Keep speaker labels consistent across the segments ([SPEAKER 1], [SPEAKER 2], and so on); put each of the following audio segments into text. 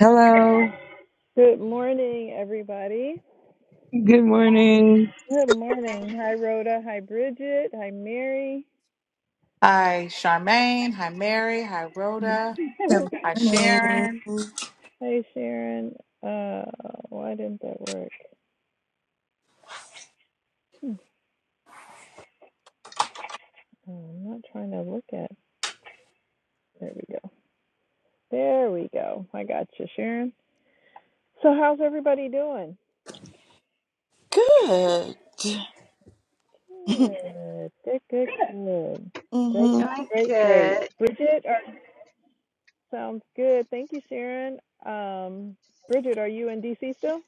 [SPEAKER 1] Hello. Good morning.
[SPEAKER 2] Hi, Charmaine. Hi, Mary. Hi, Rhoda.
[SPEAKER 3] Good
[SPEAKER 2] Hi,
[SPEAKER 3] morning.
[SPEAKER 2] Sharon.
[SPEAKER 3] Mhm.
[SPEAKER 4] Doing good.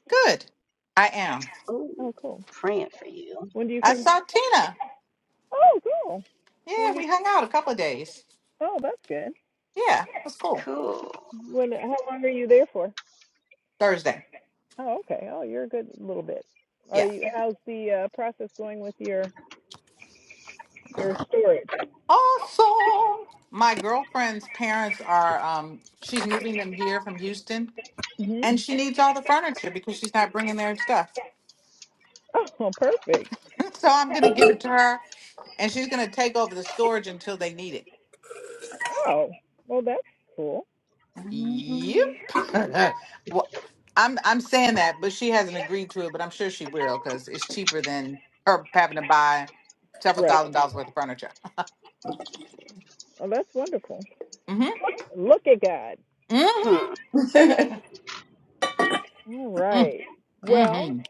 [SPEAKER 2] Good. I am.
[SPEAKER 4] Oh, praying for you.
[SPEAKER 2] I saw Tina. Yeah, we hung out a couple of days. Yeah, it was cool.
[SPEAKER 4] Cool.
[SPEAKER 2] Thursday. Yeah. Awesome. My girlfriend's parents are, um, she's moving them here from Houston and she needs all the furniture because she's not bringing their stuff. so I'm going to give it to her and she's going to take over the storage until they need it. Yep. well, I'm I'm saying that, but she hasn't agreed to it. But I'm sure she will because it's cheaper than her having to buy several thousand dollars worth of furniture. hmm hmm
[SPEAKER 4] Hmm.
[SPEAKER 2] Mm-hmm.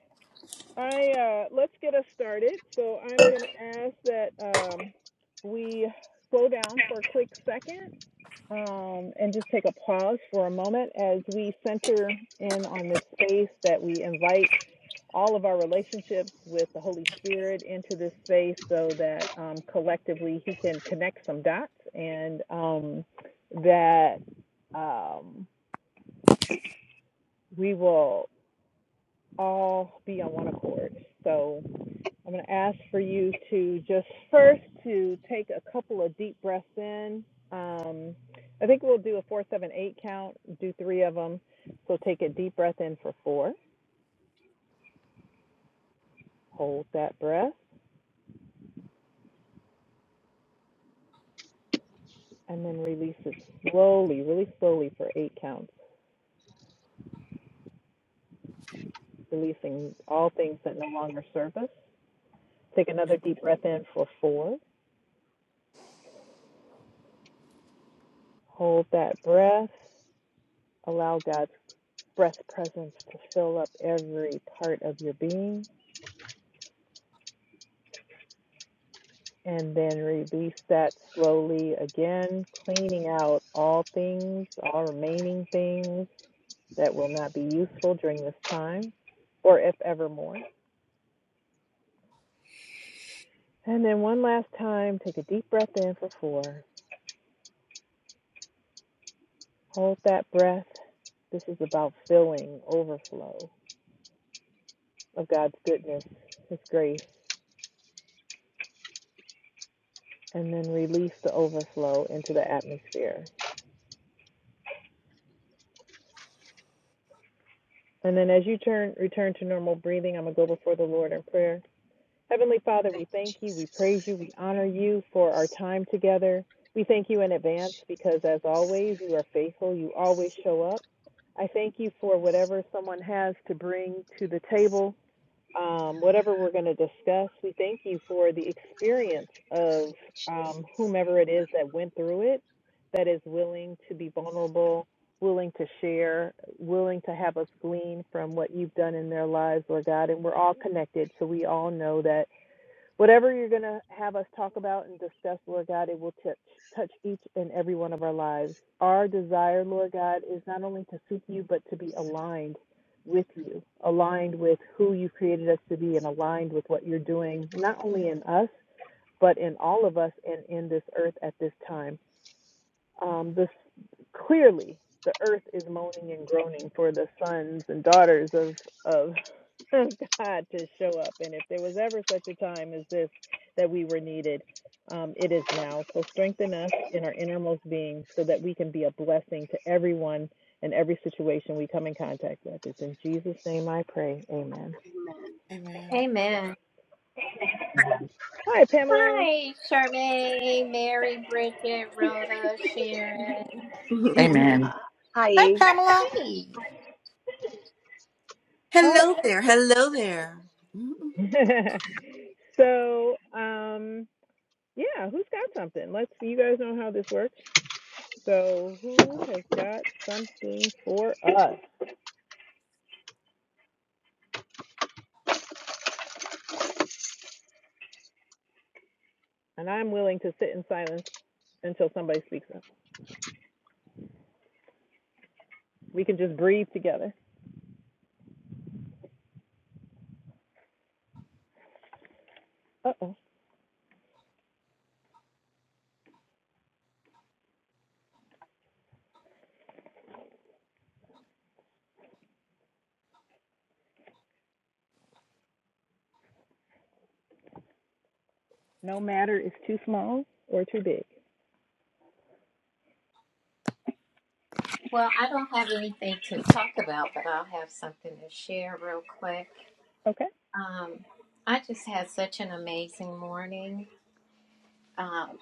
[SPEAKER 4] Thank you, Jesus. Jesus. Amen.
[SPEAKER 3] Amen.
[SPEAKER 5] Amen. Hi, Charmaine, Mary, Bridget, Rhoda, Sharon.
[SPEAKER 4] Uh,
[SPEAKER 2] Amen.
[SPEAKER 4] hi.
[SPEAKER 2] Hey,
[SPEAKER 4] E.
[SPEAKER 2] Pamela.
[SPEAKER 5] Hey.
[SPEAKER 3] hello there. Hello there. hmm
[SPEAKER 5] Well, I don't have anything to talk about, but I'll have something to share real quick. Um, I just had such an amazing morning um,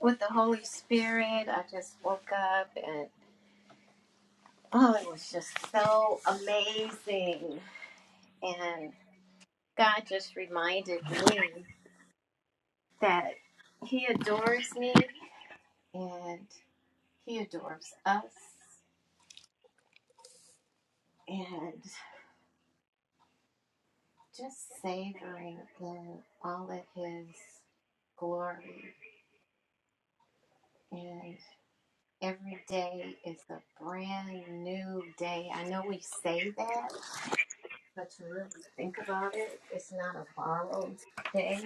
[SPEAKER 5] with the Holy Spirit. I just woke up and oh, it was just so amazing. And God just reminded me that He adores me and He adores us and just savoring in all of his glory. And every day is a brand new day. I know we say that, but to really think about it, it's not a borrowed day.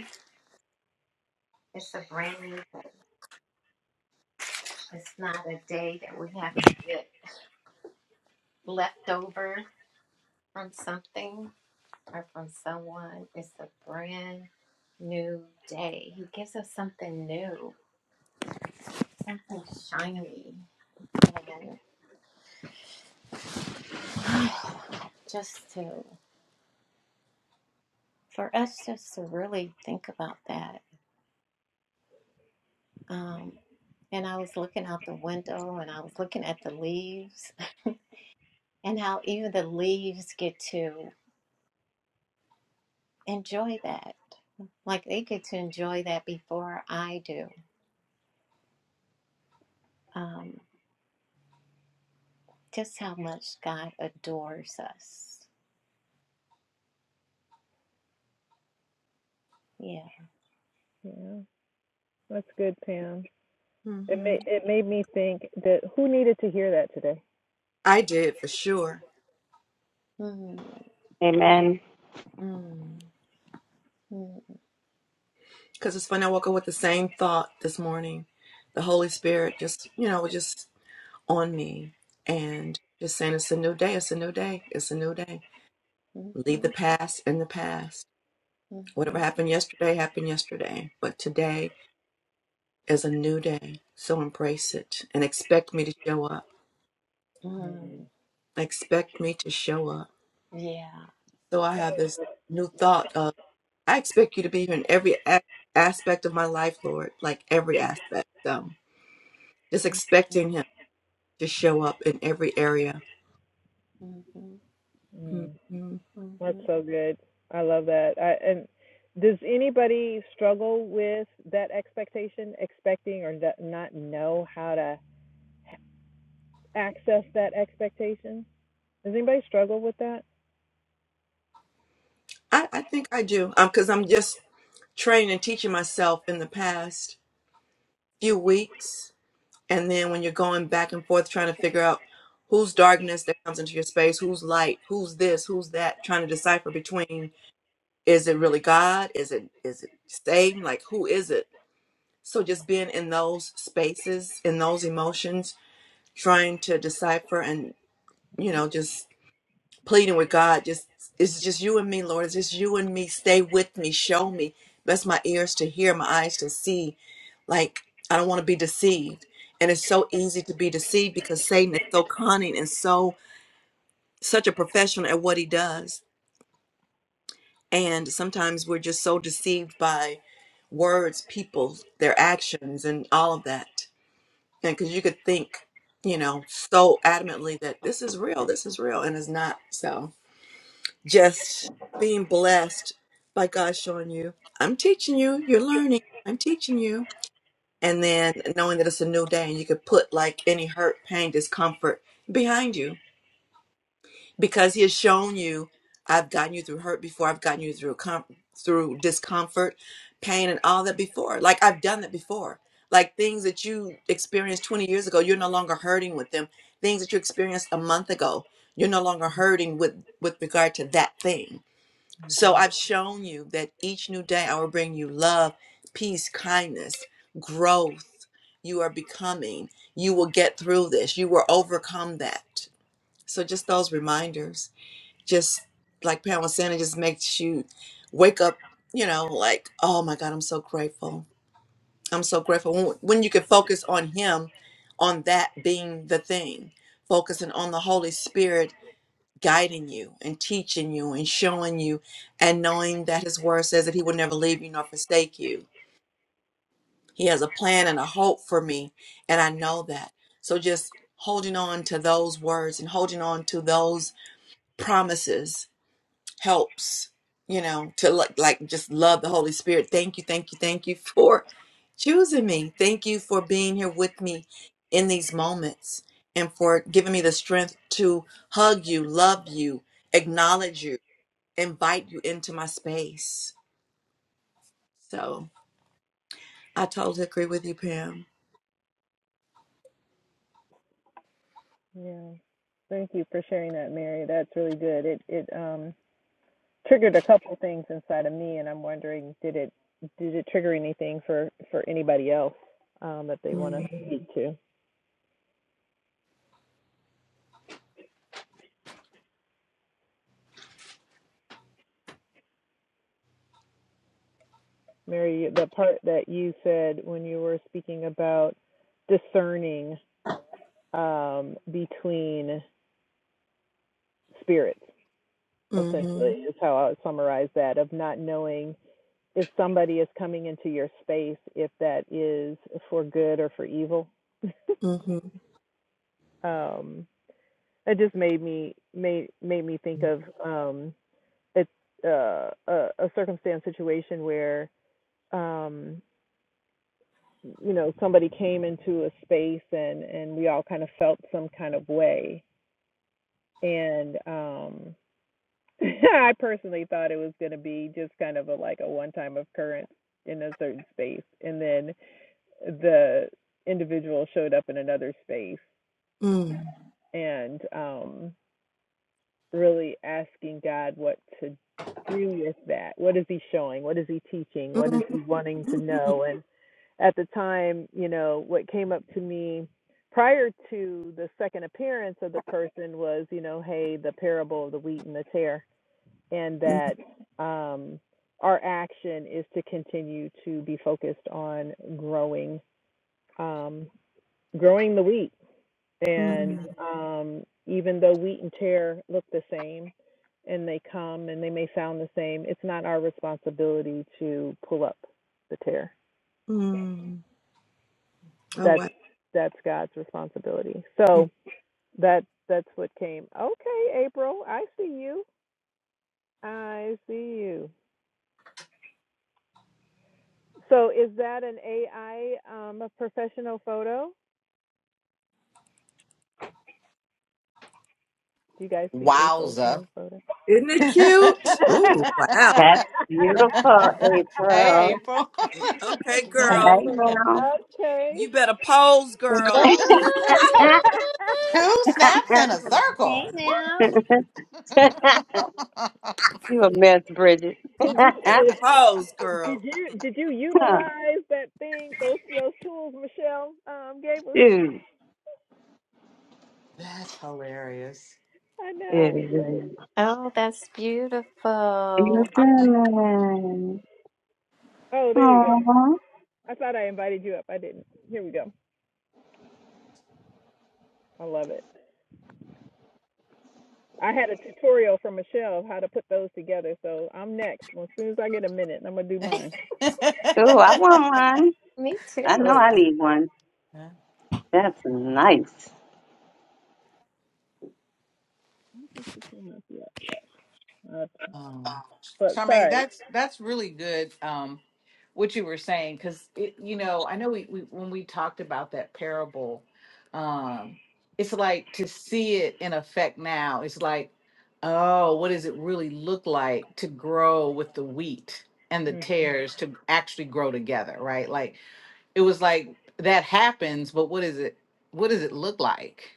[SPEAKER 5] It's a brand new day. It's not a day that we have to get left over from something or from someone. It's a brand new day. He gives us something new something shiny and just to for us just to really think about that um and i was looking out the window and i was looking at the leaves and how even the leaves get to enjoy that like they get to enjoy that before i do um just how much god adores us yeah
[SPEAKER 3] I did for sure.
[SPEAKER 5] mm,
[SPEAKER 4] Amen.
[SPEAKER 5] mm,
[SPEAKER 3] Because it's funny, I woke up with the same thought this morning. The Holy Spirit just, you know, was just on me and just saying, it's a new day. It's a new day. It's a new day.
[SPEAKER 5] mm,
[SPEAKER 3] Leave the
[SPEAKER 5] mm,
[SPEAKER 3] past in the past.
[SPEAKER 5] mm,
[SPEAKER 3] Whatever
[SPEAKER 5] mm,
[SPEAKER 3] happened yesterday happened yesterday. But today is a new day. So embrace it and expect me to show up.
[SPEAKER 5] mm.
[SPEAKER 3] expect me to show up.
[SPEAKER 5] yeah
[SPEAKER 3] So I have this new thought of I expect you to be here in every a- aspect of my life, Lord, like every aspect. So just expecting Him to show up in every area.
[SPEAKER 5] mm-hmm.
[SPEAKER 3] Mhm.
[SPEAKER 5] Mm-hmm.
[SPEAKER 3] I, I think I do because I'm just training and teaching myself in the past few weeks. And then when you're going back and forth trying to figure out whose darkness that comes into your space, whose light, who's this, who's that, trying to decipher between Is it really God? Is it is it Satan? Like who is it? So just being in those spaces, in those emotions, trying to decipher and you know, just pleading with God, just it's just you and me, Lord. It's just you and me. Stay with me, show me. Bless my ears to hear, my eyes to see. Like I don't want to be deceived. And it's so easy to be deceived because Satan is so cunning and so such a professional at what he does And sometimes we're just so deceived by words, people, their actions, and all of that. And because you could think, you know, so adamantly that this is real, this is real, and it's not. So just being blessed by God showing you, I'm teaching you, you're learning, I'm teaching you. And then knowing that it's a new day and you could put like any hurt, pain, discomfort behind you because he has shown you i've gotten you through hurt before i've gotten you through com- through discomfort pain and all that before like i've done that before like things that you experienced 20 years ago you're no longer hurting with them things that you experienced a month ago you're no longer hurting with with regard to that thing so i've shown you that each new day i will bring you love peace kindness growth you are becoming you will get through this you will overcome that so just those reminders just like Pam was saying, it just makes you wake up, you know, like, oh my God, I'm so grateful. I'm so grateful. When, when you can focus on Him, on that being the thing, focusing on the Holy Spirit guiding you and teaching you and showing you and knowing that His Word says that He will never leave you nor forsake you. He has a plan and a hope for me, and I know that. So just holding on to those words and holding on to those promises helps you know to like like just love the holy spirit thank you thank you thank you for choosing me thank you for being here with me in these moments and for giving me the strength to hug you love you acknowledge you invite you into my space so i totally agree with you pam Mm, mhm, mhm, mm, mm, mm, mm. Oh, wow. Mm.
[SPEAKER 2] Wowza.
[SPEAKER 3] Isn't it
[SPEAKER 2] hey,
[SPEAKER 3] cute? Oh, wow.
[SPEAKER 4] That's beautiful, April.
[SPEAKER 2] April.
[SPEAKER 3] Okay,
[SPEAKER 4] Hi
[SPEAKER 3] girl.
[SPEAKER 5] What?
[SPEAKER 4] now.
[SPEAKER 3] You better pose, girl.
[SPEAKER 2] Two snaps in a
[SPEAKER 3] Mm, you
[SPEAKER 5] Hey
[SPEAKER 2] circle. What?
[SPEAKER 5] now.
[SPEAKER 4] you a mess, Bridget.
[SPEAKER 3] better pose, girl.
[SPEAKER 4] Dude,
[SPEAKER 2] That's hilarious.
[SPEAKER 4] it is.
[SPEAKER 5] Oh, that's beautiful. Oh,
[SPEAKER 2] Mhm.
[SPEAKER 4] It's in there. Aw. Ooh, I want one.
[SPEAKER 5] me
[SPEAKER 4] I know
[SPEAKER 5] too.
[SPEAKER 4] I need
[SPEAKER 2] Okay.
[SPEAKER 4] one. That's nice.
[SPEAKER 2] Um, Charmaine, that's that's really good. Um, what you were saying, because you know, I know we, we when we talked about that parable, um, it's like to see it in effect now. It's like, oh, what does it really look like to grow with the wheat and the tares to actually grow together, right? Like it was like that happens, but what is it? What does it look like?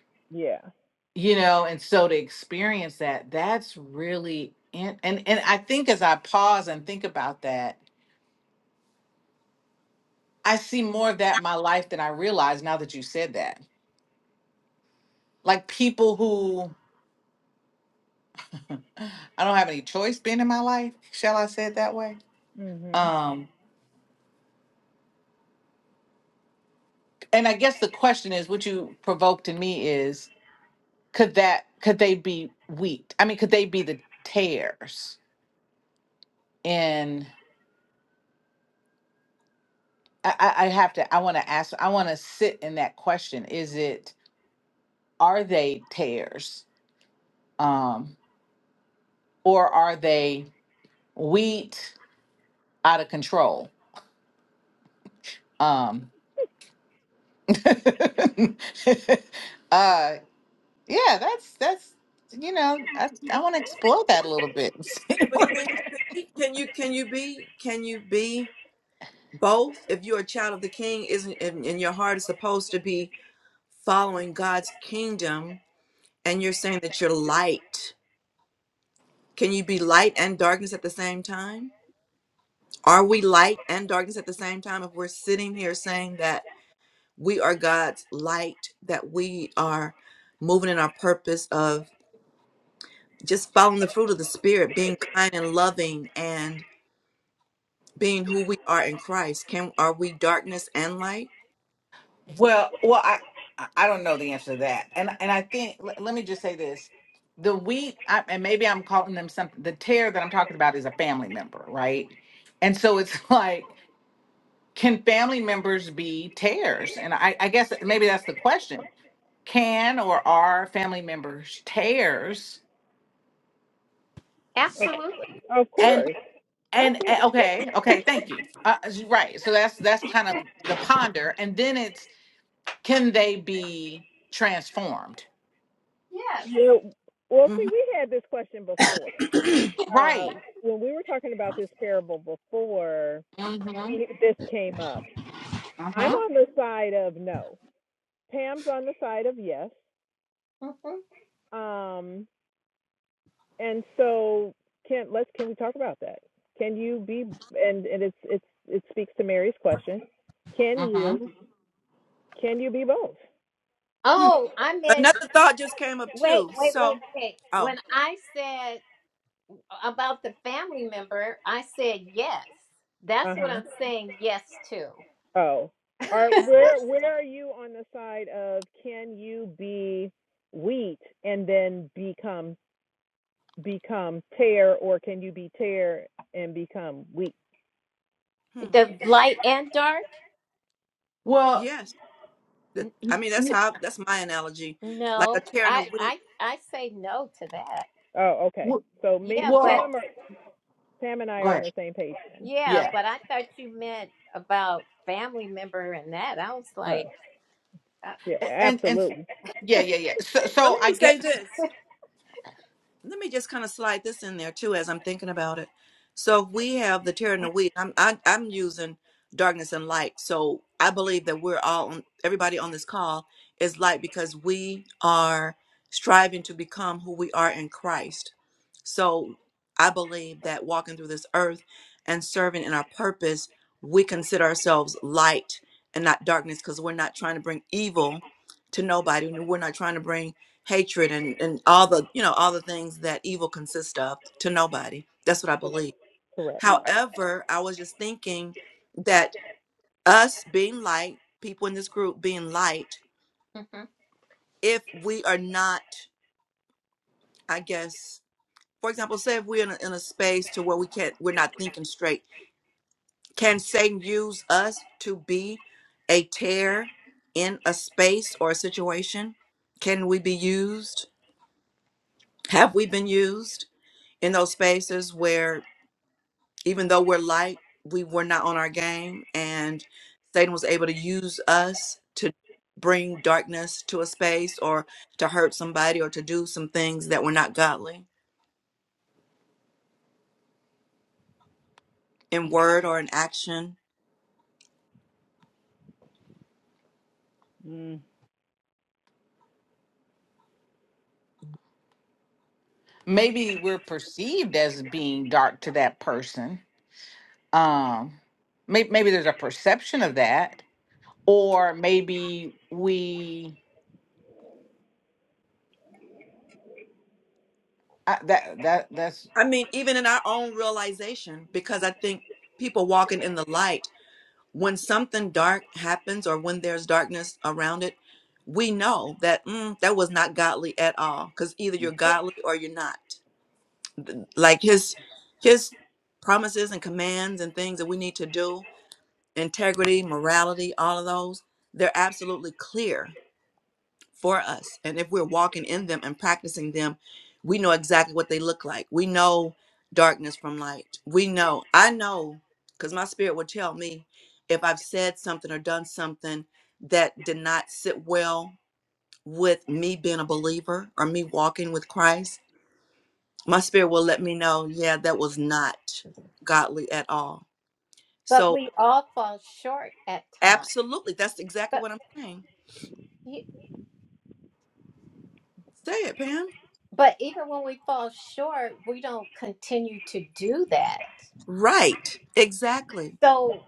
[SPEAKER 2] you know and so to experience that that's really in, and and i think as i pause and think about that i see more of that in my life than i realize now that you said that like people who i don't have any choice being in my life shall i say it that way um and i guess the question is what you provoked in me is could that could they be wheat i mean could they be the tares and i i I have to i want to ask i want to sit in that question is it are they tears um, or are they wheat out of control um, uh, yeah that's that's you know i, I want to explore that a little bit
[SPEAKER 3] But can you be? Can you? Can you be? Can you be? both if you're a child of the king isn't and, and your heart is supposed to be following god's kingdom and you're saying that you're light can you be light and darkness at the same time are we light and darkness at the same time if we're sitting here saying that we are god's light that we are moving in our purpose of just following the fruit of the spirit being kind and loving and being who we are in christ can are we darkness and light
[SPEAKER 2] well well i i I don't know the answer to that and and i think let, let me just say this the wheat I, and maybe i'm calling them something the tear that i'm talking about is a family member right and so it's like can family members be tears? And I, I guess maybe that's the question. Can or are family members tears?
[SPEAKER 5] Absolutely.
[SPEAKER 2] And and and- okay, okay, thank you. Uh, s- right. So that's that's kind of the ponder, and then it's can they be transformed?
[SPEAKER 5] Yes.
[SPEAKER 3] Mhm.
[SPEAKER 2] Right. Mm-hmm. Mm-hmm.
[SPEAKER 5] hmm
[SPEAKER 2] Mm-hmm.
[SPEAKER 3] Hmm.
[SPEAKER 5] Oh, I meant,
[SPEAKER 3] Another thought just came up
[SPEAKER 5] wait,
[SPEAKER 3] too.
[SPEAKER 5] wait, wait,
[SPEAKER 3] So,
[SPEAKER 5] wait. When
[SPEAKER 3] oh,
[SPEAKER 5] I said about the family member, I said yes. That's what I'm saying yes to.
[SPEAKER 3] hmm.
[SPEAKER 5] the light and dark?
[SPEAKER 2] Well,
[SPEAKER 3] yes. That-
[SPEAKER 5] N-
[SPEAKER 3] I
[SPEAKER 2] y-
[SPEAKER 3] mean, that's
[SPEAKER 2] y-
[SPEAKER 3] how that's my analogy, like a
[SPEAKER 5] No.
[SPEAKER 3] tear and a
[SPEAKER 5] I,
[SPEAKER 3] wheat.
[SPEAKER 5] I I say no to that.
[SPEAKER 2] w-
[SPEAKER 5] Yeah, but
[SPEAKER 2] well, go ahead.
[SPEAKER 5] Yeah,
[SPEAKER 2] Yeah.
[SPEAKER 5] but I thought you meant about family member and that. I was like, I,
[SPEAKER 2] A- And and yeah, yeah, yeah. So
[SPEAKER 3] So
[SPEAKER 2] so
[SPEAKER 3] let
[SPEAKER 2] I
[SPEAKER 3] me say
[SPEAKER 2] guess.
[SPEAKER 3] this. let me just kind of slide this in there too as I'm thinking about it. So if we have the tear and the wheat. I'm I, I'm using darkness and light. So I believe that we're all on everybody on this call is light because we are striving to become who we are in Christ. So I believe that walking through this earth and serving in our purpose, we consider ourselves light and not darkness because we're not trying to bring evil to nobody. We're not trying to bring hatred and, and all the you know all the things that evil consists of to nobody that's what i believe however i was just thinking that us being light people in this group being light
[SPEAKER 5] Uh huh.
[SPEAKER 3] if we are not i guess for example say if we're in a, in a space to where we can't we're not thinking straight can satan use us to be a tear in a space or a situation can we be used have we been used in those spaces where even though we're light, we were not on our game, and Satan was able to use us to bring darkness to a space or to hurt somebody or to do some things that were not godly in word or in action.
[SPEAKER 2] maybe we're perceived as being dark to that person. Um, maybe, maybe there's a perception of that, or maybe we I, that that that's.
[SPEAKER 3] I mean, even in our own realization, because I think people walking in the light, when something dark happens or when there's darkness around it, we know that mm, that was not godly at all because either you're godly or you're not like his his promises and commands and things that we need to do integrity morality all of those they're absolutely clear for us and if we're walking in them and practicing them we know exactly what they look like we know darkness from light we know i know because my spirit will tell me if i've said something or done something that did not sit well with me being a believer or me walking with christ my spirit will let me know, yeah, that was not godly at all.
[SPEAKER 5] But
[SPEAKER 3] So,
[SPEAKER 5] we all fall short at times.
[SPEAKER 3] absolutely, that's exactly
[SPEAKER 5] But
[SPEAKER 3] what I'm saying.
[SPEAKER 5] you,
[SPEAKER 3] Say it, Pam.
[SPEAKER 5] but even when we fall short, we don't continue to do that.
[SPEAKER 3] Right. Exactly.
[SPEAKER 5] So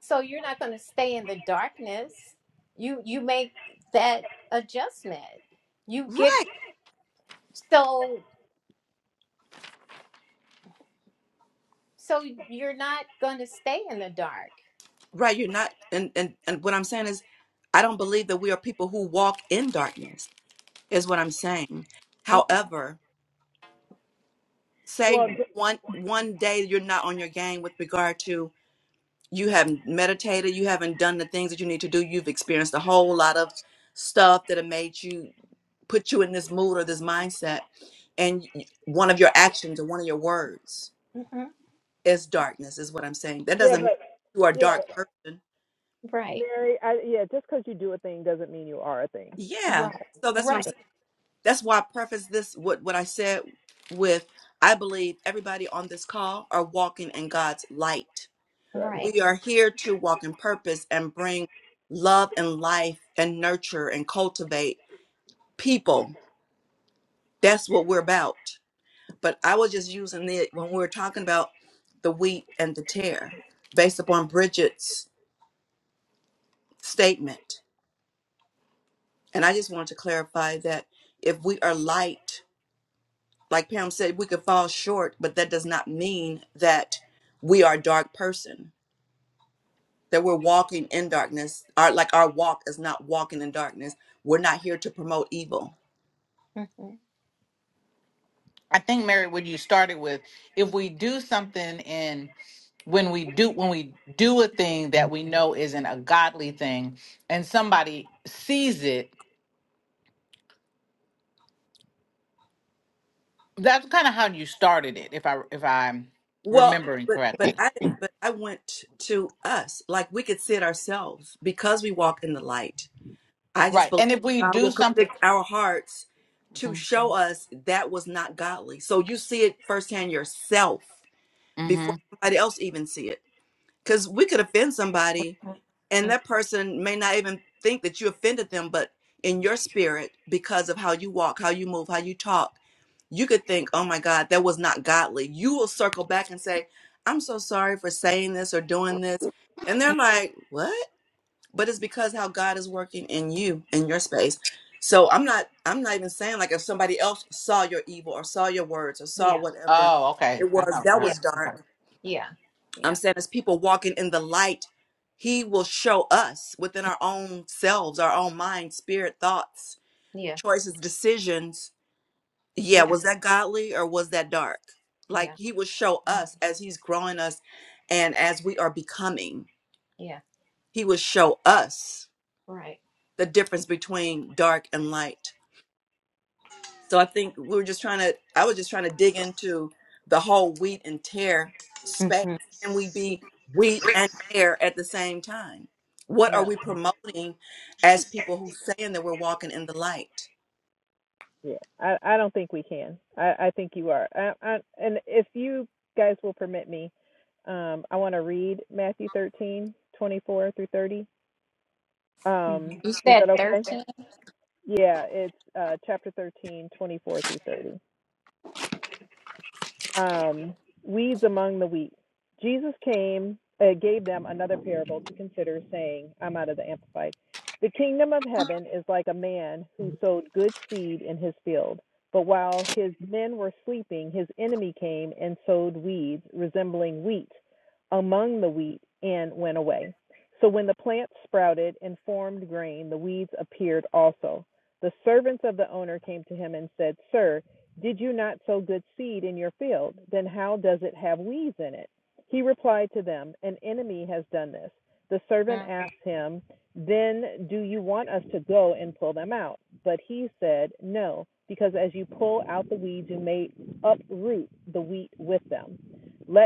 [SPEAKER 5] so you're not going to stay in the darkness. You you make that adjustment. You
[SPEAKER 3] Right.
[SPEAKER 5] get so so you're not going to stay in the dark.
[SPEAKER 3] Right. You're not, and, and, and what I'm saying is, I don't believe that we are people who walk in darkness, is what I'm saying. However, say one one day you're not on your game with regard to you haven't meditated, you haven't done the things that you need to do. You've experienced a whole lot of stuff that have made you put you in this mood or this mindset. And y- one of your actions or one of your words
[SPEAKER 5] Mhm,
[SPEAKER 3] is darkness, is what I'm saying. That doesn't mean you are a dark person.
[SPEAKER 5] Right.
[SPEAKER 3] Yeah.
[SPEAKER 5] Right.
[SPEAKER 3] So that's what I'm
[SPEAKER 5] Right.
[SPEAKER 3] saying. That's why I preface this what what I said with I believe everybody on this call are walking in God's light.
[SPEAKER 5] Right.
[SPEAKER 3] We are here to walk in purpose and bring love and life and nurture and cultivate people. That's what we're about. But I was just using it when we were talking about the wheat and the tear based upon Bridget's statement. And I just wanted to clarify that if we are light, like Pam said, we could fall short, but that does not mean that we are a dark person that we're walking in darkness. Our like our walk is not walking in darkness. We're not here to promote evil.
[SPEAKER 5] hmm
[SPEAKER 2] I think Mary, what you started with, if we do something and when we do when we do a thing that we know isn't a godly thing, and somebody sees it, that's kind of how you started it, if I if I'm
[SPEAKER 3] Well,
[SPEAKER 2] remembering
[SPEAKER 3] but but
[SPEAKER 2] correctly,
[SPEAKER 3] I but I went to us. Like we could see it ourselves because we walk in the light. I just
[SPEAKER 2] right?
[SPEAKER 3] believe
[SPEAKER 2] And if we
[SPEAKER 3] God will
[SPEAKER 2] do something,
[SPEAKER 3] convict our hearts to
[SPEAKER 2] mm-hmm.
[SPEAKER 3] show us that was not godly. So you see it firsthand yourself
[SPEAKER 2] mm-hmm.
[SPEAKER 3] before somebody else even see it. because we could offend somebody
[SPEAKER 5] Mhm.
[SPEAKER 3] and that person may not even think that you offended them but in your spirit because of how you walk how you move how you talk you could think oh my god that was not godly you will circle back and say i'm so sorry for saying this or doing this and they're like what but it's because how god is working in you in your space so i'm not i'm not even saying like if somebody else saw your evil or saw your words or saw
[SPEAKER 5] Yeah,
[SPEAKER 3] whatever
[SPEAKER 2] Oh, okay.
[SPEAKER 3] it
[SPEAKER 2] I
[SPEAKER 3] was
[SPEAKER 2] haven't
[SPEAKER 3] that
[SPEAKER 5] yeah,
[SPEAKER 2] heard.
[SPEAKER 3] was dark
[SPEAKER 2] Okay.
[SPEAKER 5] yeah,
[SPEAKER 3] I'm
[SPEAKER 5] yeah,
[SPEAKER 3] saying as people walking in the light, he will show us within our own selves, our own mind, spirit, thoughts,
[SPEAKER 5] yeah,
[SPEAKER 3] choices, decisions. Yeah,
[SPEAKER 5] yeah,
[SPEAKER 3] was that godly or was that dark? Like
[SPEAKER 5] yeah,
[SPEAKER 3] he will show us as he's growing us and as we are becoming,
[SPEAKER 5] yeah.
[SPEAKER 3] he will show us
[SPEAKER 5] Right.
[SPEAKER 3] the difference between dark and light So I think we were just trying to, I was just trying to dig into the whole wheat and tear space.
[SPEAKER 5] hmm
[SPEAKER 3] Can we be wheat and tear at the same time? What are we promoting as people who saying that we're walking in the light? hmm
[SPEAKER 5] You said 13 Mm-hmm.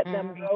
[SPEAKER 5] Mm-hmm.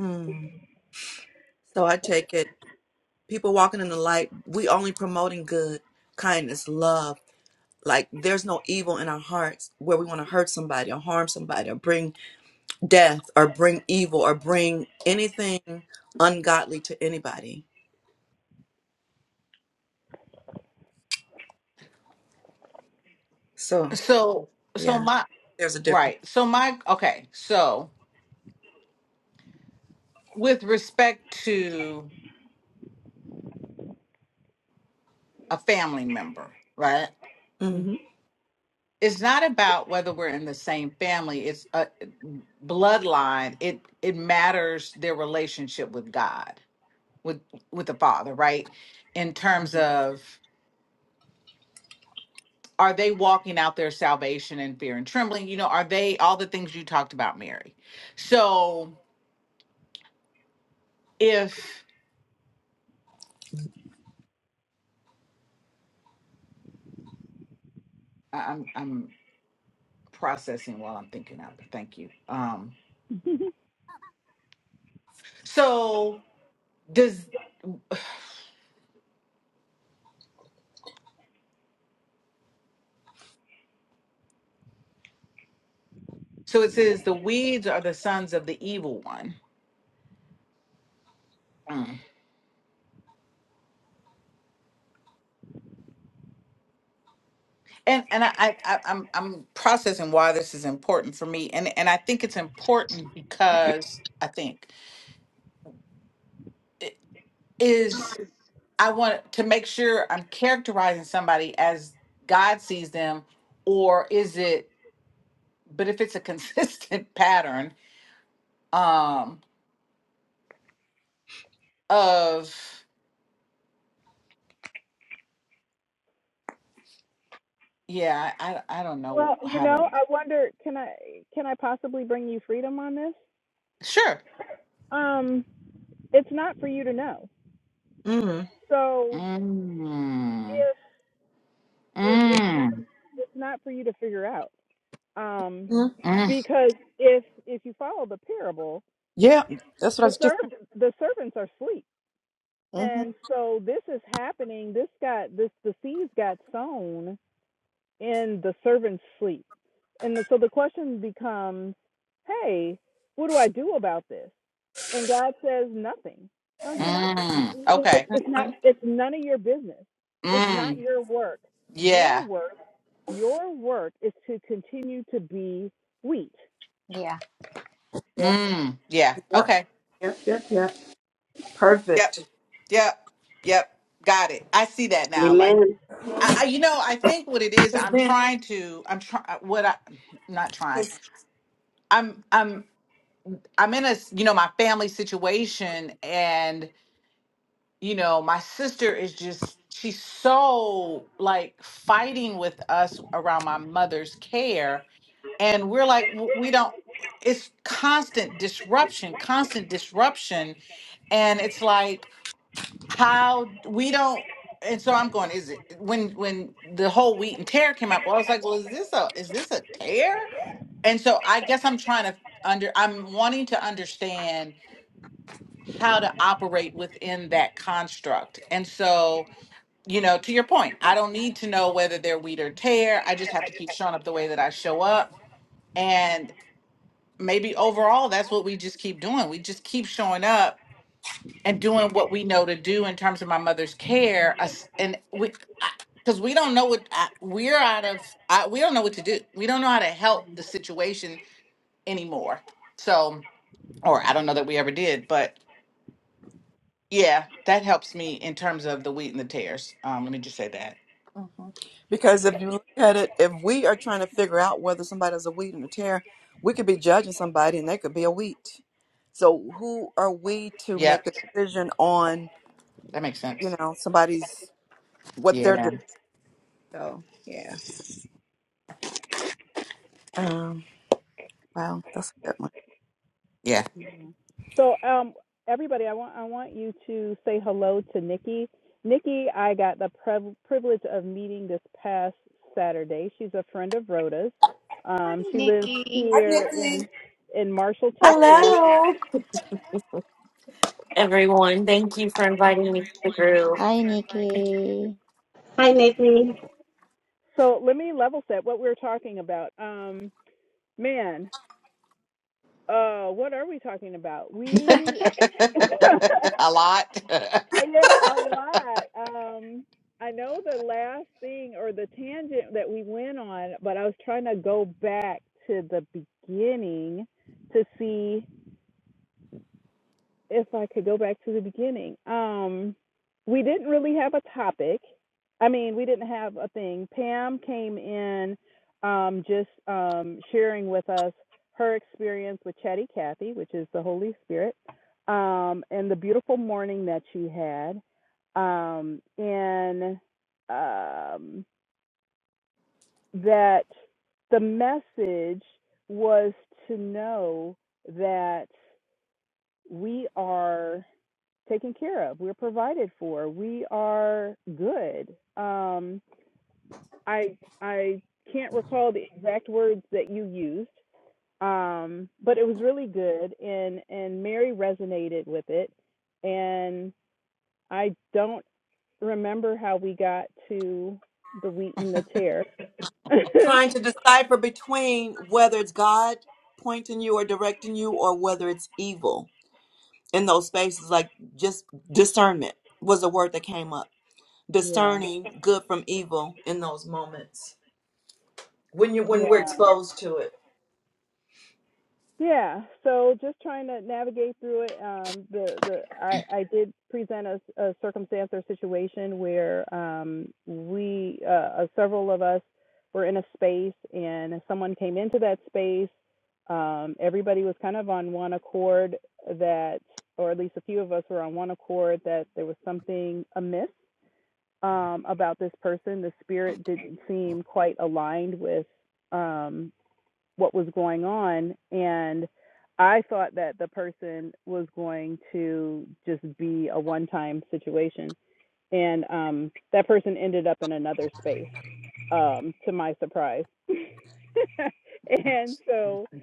[SPEAKER 3] Mm. So I take it, people walking in the light, we only promoting good, kindness, love. Like there's no evil in our hearts where we want to hurt somebody or harm somebody or bring death or bring evil or bring anything ungodly to anybody So
[SPEAKER 2] So, so
[SPEAKER 3] yeah,
[SPEAKER 2] my
[SPEAKER 3] there's a difference.
[SPEAKER 2] right. So my okay. So with respect to a family member, right?
[SPEAKER 3] Mm,
[SPEAKER 2] It's not about whether we're in the same family. It's a bloodline. It it matters their relationship with God, with with the Father, right? In terms of are they walking out their salvation in fear and trembling? You know, are they all the things you talked about, Mary? So if I- I'm I'm processing while I'm thinking out, but thank you. Um, so does so it says the weeds are the sons of the evil one. Mm. And and I, I I- I'm I'm processing why this is important for me, and and I think it's important because I think is I want to make sure I'm characterizing somebody as God sees them, or is it? But if it's a consistent pattern um, of yeah, I I I don't know how to. Sure.
[SPEAKER 3] mm,
[SPEAKER 2] Mm. Mm.
[SPEAKER 3] mm.
[SPEAKER 2] Mm.
[SPEAKER 3] Yeah, that's what I was just. Mm-hmm,
[SPEAKER 2] Mm. Okay.
[SPEAKER 5] mm-hmm.
[SPEAKER 2] Mm. Yeah.
[SPEAKER 5] Yeah.
[SPEAKER 2] Mm. Yeah. Okay. Yep. Yep. Yep. Got it. I see that now. Like
[SPEAKER 4] Amen.
[SPEAKER 2] I, I you know, I think what it is, I'm
[SPEAKER 3] Yeah.
[SPEAKER 2] trying to I'm trying what I not trying. I'm I'm I'm in a s- you know, my family situation and you know, my sister is just she's so like fighting with us around my mother's care and we're like "W- we don't it's constant disruption constant disruption and it's like how d- we don't and so i'm going is it when when the whole wheat and tear came up well, i was like well is this a is this a tear and so i guess i'm trying to under i'm wanting to understand how to operate within that construct and so you know to your point i don't need to know whether they're wheat or tear i just have to keep showing up the way that i show up maybe overall that's what we just keep doing we just keep showing up and doing what we know to do in terms of my mother's care us and we because we don't know what I, we're out of I, we don't know what to do we don't know how to help the situation anymore so or i don't know that we ever did but yeah that helps me in terms of the wheat and the tears um let me just say that
[SPEAKER 3] hmm Because if you look at it, if we are trying to figure out whether somebody's a wheat and a tear, we could be judging somebody and they could be a wheat. So who are we to
[SPEAKER 2] yep
[SPEAKER 3] make a decision on?
[SPEAKER 2] that makes
[SPEAKER 3] You
[SPEAKER 2] sense
[SPEAKER 3] know, somebody's what they're
[SPEAKER 2] yeah
[SPEAKER 3] doing. So yeah. Um. Wow, that's a good one.
[SPEAKER 2] yeah
[SPEAKER 5] Hi, Nikki.
[SPEAKER 3] Technically,
[SPEAKER 2] hi nikki
[SPEAKER 6] Hello, everyone. Thank you for inviting me to the
[SPEAKER 7] everyone. Thank
[SPEAKER 6] group.
[SPEAKER 7] you Hi, for inviting Nikki.
[SPEAKER 4] Hi, Nikki.
[SPEAKER 2] a lot
[SPEAKER 3] trying to decipher between whether it's God pointing you or directing you or whether it's evil. in those spaces like just discernment was a word that came up discerning good from evil in those moments when you when we're exposed to it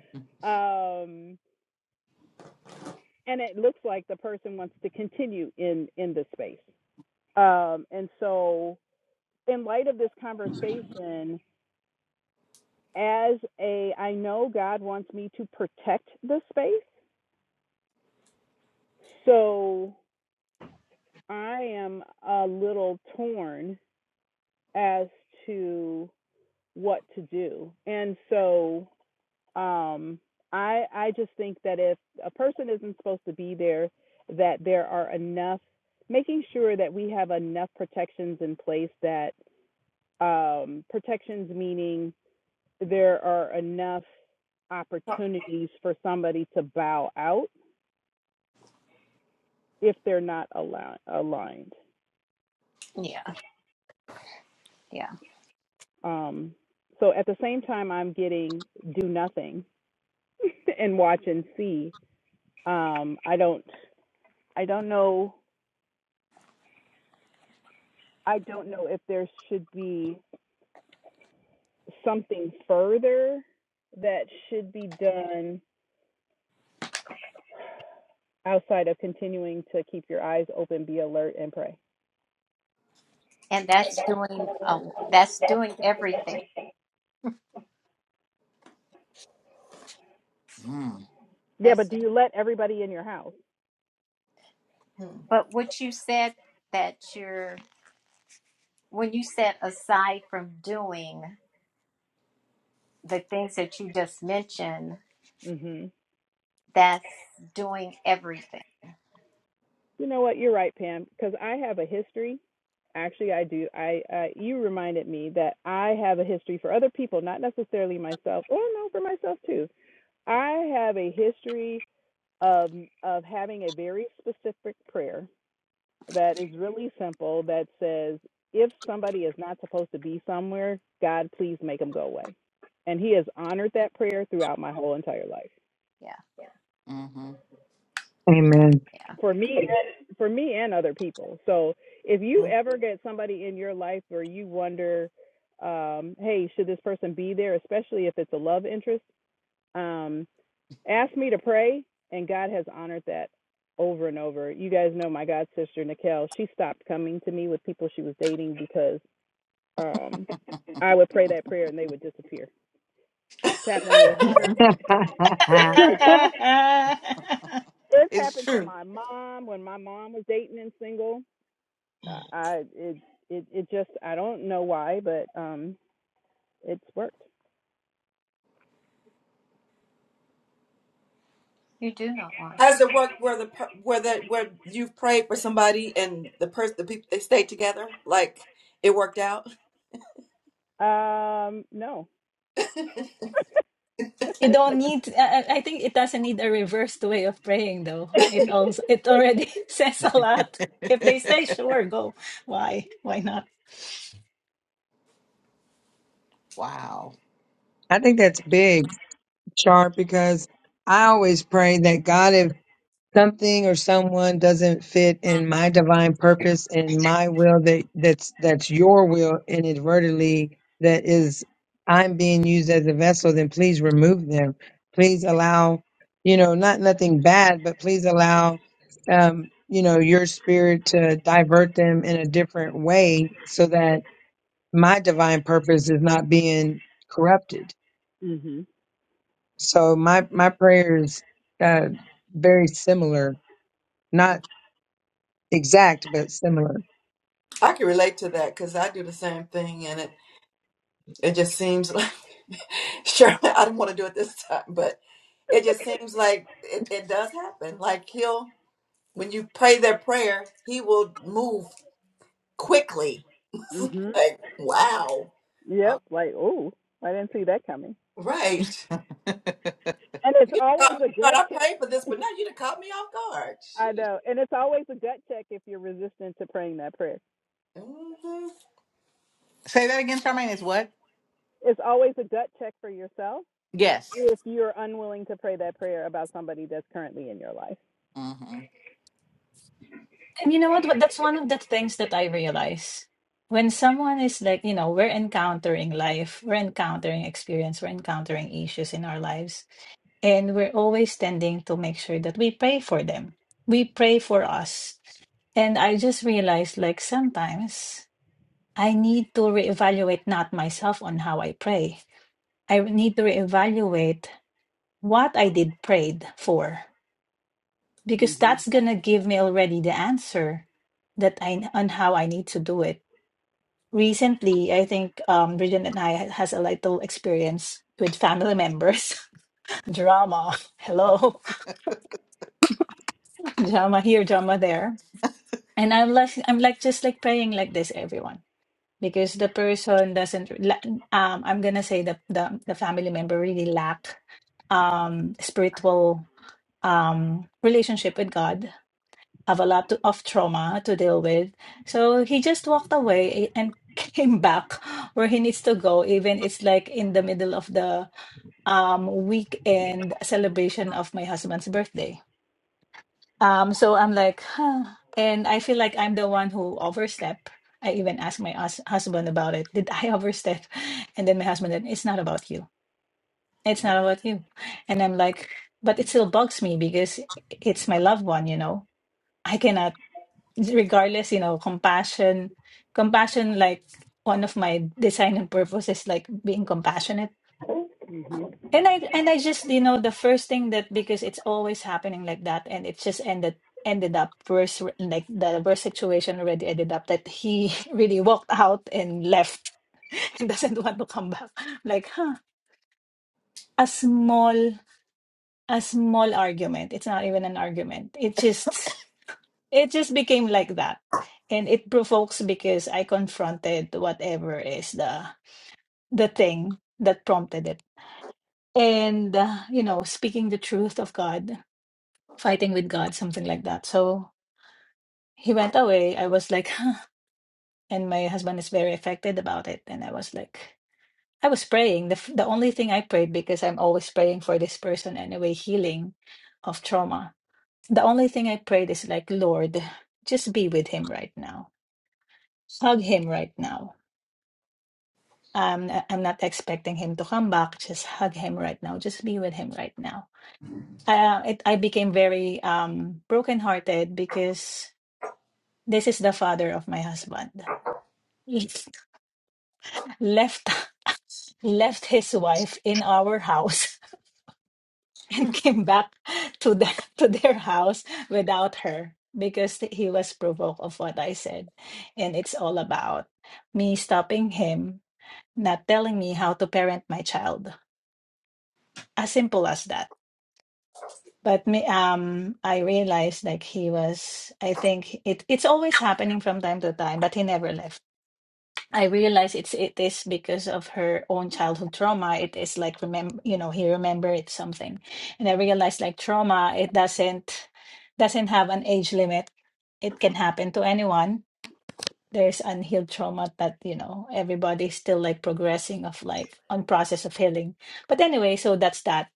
[SPEAKER 5] yeah, yeah. And that's doing a, that's doing everything.
[SPEAKER 2] Mm,
[SPEAKER 5] That's do-
[SPEAKER 3] Hmm.
[SPEAKER 5] but what you said that you're when you said aside from doing the things that you just mentioned that's doing everything. Yeah,
[SPEAKER 2] hmm
[SPEAKER 1] Amen.
[SPEAKER 5] yeah.
[SPEAKER 3] Hmm.
[SPEAKER 1] I
[SPEAKER 2] It's true.
[SPEAKER 5] You do not want.
[SPEAKER 3] has it worked where the per- where the where you've prayed for somebody and the person the people they stayed together like it worked out
[SPEAKER 8] You don't need. I I- I think it doesn't need a reversed way of praying, though. It also it already says a lot. If they say sure, go. Why? Why not?
[SPEAKER 2] wow.
[SPEAKER 1] think that's big, Char, because I always pray that God, if something or someone doesn't fit in my divine purpose and my will that that's that's your will inadvertently that is I'm being used as a vessel, then please remove them. Please allow, you know, not nothing bad, but please allow um, you know, your spirit to divert them in a different way so that my divine purpose is not being corrupted. So my my prayer is uh, very similar
[SPEAKER 3] Hmm.
[SPEAKER 1] exact but similar.
[SPEAKER 3] i can relate to that because i do the same thing and it It just seems like, sure, I did not want to do it this time, but it just seems like it, it does happen. Like he'll, when you pray that prayer, he will move quickly. like, wow. Oh, right. You caught me off guard. I prayed for this, but now you done caught me off guard. Jeez. hmm
[SPEAKER 2] Say that again, Charmaine. It's what? Yes. hmm
[SPEAKER 8] And you know what? That's one of the things that I realize when someone is like, you know, we're encountering life, we're encountering experience, we're encountering issues in our lives, and we're always tending to make sure that we pray for them. We pray for us, and I just realized, like sometimes. I need to reevaluate not myself on how I pray. I need to reevaluate what I did prayed for because that's going to give me already the answer that I on how I need to do it. Recently, I think um Bridget and I has a little experience with family members drama. Hello, drama here, drama there. And I'm like I'm like just like praying like this everyone. because the person doesn't la- um i'm gonna say the the, the family member really lack um spiritual um relationship with god have a lot to, of trauma to deal with so he just walked away and came back where he needs to go even it's like in the middle of the um weekend celebration of my husband's birthday um, so I'm like, huh. And I feel like I'm the one who overstep. I even asked my hus- husband about it. Did I overstep? And then my husband said, it's not about you. It's not about you. And I'm like, but it still bugs me because it's my loved one, you know. I cannot, regardless, you know, compassion, compassion, like one of my design and purpose is like being compassionate and I and I just you know the first thing that because it's always happening like that and it just ended ended up worse like the worst situation already ended up that he really walked out and left and doesn't want to come back. Like, huh? A small a small argument. It's not even an argument. It just it just became like that. And it provokes because I confronted whatever is the the thing that prompted it. And uh, you know, speaking the truth of God fighting with God, something like that. So he went away. I was like, and my husband is very affected about it. And I was like, I was praying. The, f- the only thing I prayed, because I'm always praying for this person anyway, healing of trauma. The only thing I prayed is like, Lord, just be with him right now. Hug him right now. Um, I- I'm not expecting him to come back. Just hug him right now. Just be with him right now. Uh, it, I became very um, brokenhearted because this is the father of my husband. left left his wife in our house and came back to the to their house without her because he was provoked of what I said. And it's all about me stopping him, not telling me how to parent my child. As simple as that. But me um I realized like he was I think it it's always happening from time to time, but he never left I realize it's it is because of her own childhood trauma. It is like remember, you know, he remembered something, and I realized like trauma, it doesn't doesn't have an age limit. It can happen to anyone. There's unhealed trauma that you know everybody's still like progressing of like on process of healing. But anyway, so that's that.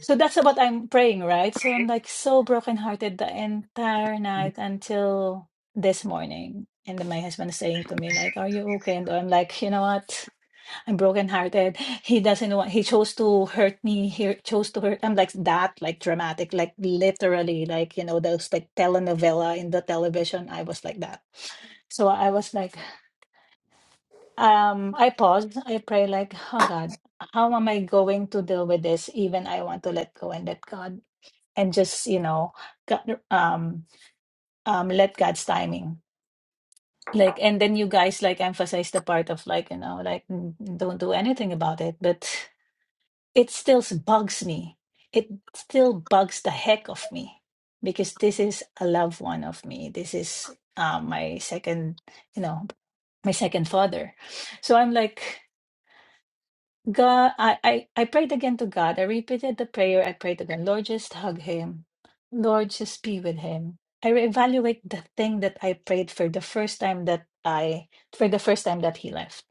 [SPEAKER 8] So that's what I'm praying, right? So I'm like so brokenhearted the entire night until this morning. And then my husband is saying to me, like, are you okay? And I'm like, you know what? I'm brokenhearted. He doesn't want, he chose to hurt me. He chose to hurt. I'm like that, like dramatic, like literally, like, you know, those like telenovela in the television. I was like that. So I was like, um, I paused. I pray like, oh God, how am I going to deal with this? Even I want to let go and let God and just you know God, um um let God's timing like and then you guys like emphasize the part of like you know like mm, don't do anything about it but it still s- bugs me it still bugs the heck of me because this is a loved one of me this is um my second you know my second father so i'm like God, I, I, I prayed again to God. I repeated the prayer I prayed again. Lord, just hug him. Lord, just be with him. I reevaluate the thing that I prayed for the first time that I, for the first time that he left.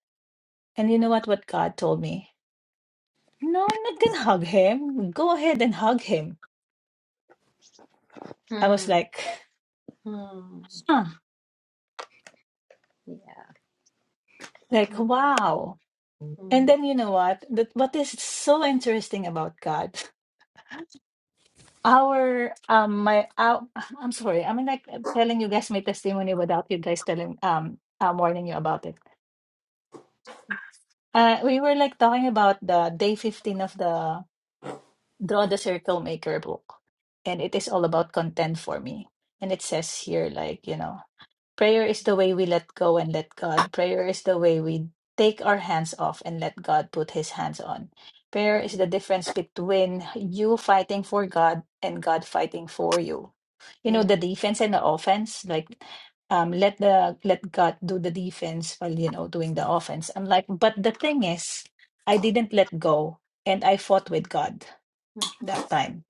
[SPEAKER 8] And you know what, what God told me? No, I'm not going to hug him. Go ahead and hug him. I was
[SPEAKER 5] Hmm.
[SPEAKER 8] like,
[SPEAKER 5] Hmm.
[SPEAKER 8] huh,
[SPEAKER 5] Yeah.
[SPEAKER 8] like, wow. And
[SPEAKER 5] Hmm.
[SPEAKER 8] then you know what? That what is so interesting about God? Our um my uh, I'm sorry. I mean like telling you guys my testimony without you guys telling um uh, warning you about it. Uh we were like talking about the day 15 of the Draw the Circle Maker book and it is all about content for me. And it says here like, you know, prayer is the way we let go and let God. Prayer is the way we take our hands off and let God put his hands on. Prayer is the difference between you fighting for God and God fighting for you you know
[SPEAKER 5] Yeah.
[SPEAKER 8] the defense and the offense like um let the let god do the defense while you know doing the offense i'm like but the thing is i didn't let go and i fought with god
[SPEAKER 5] Mhm.
[SPEAKER 8] that time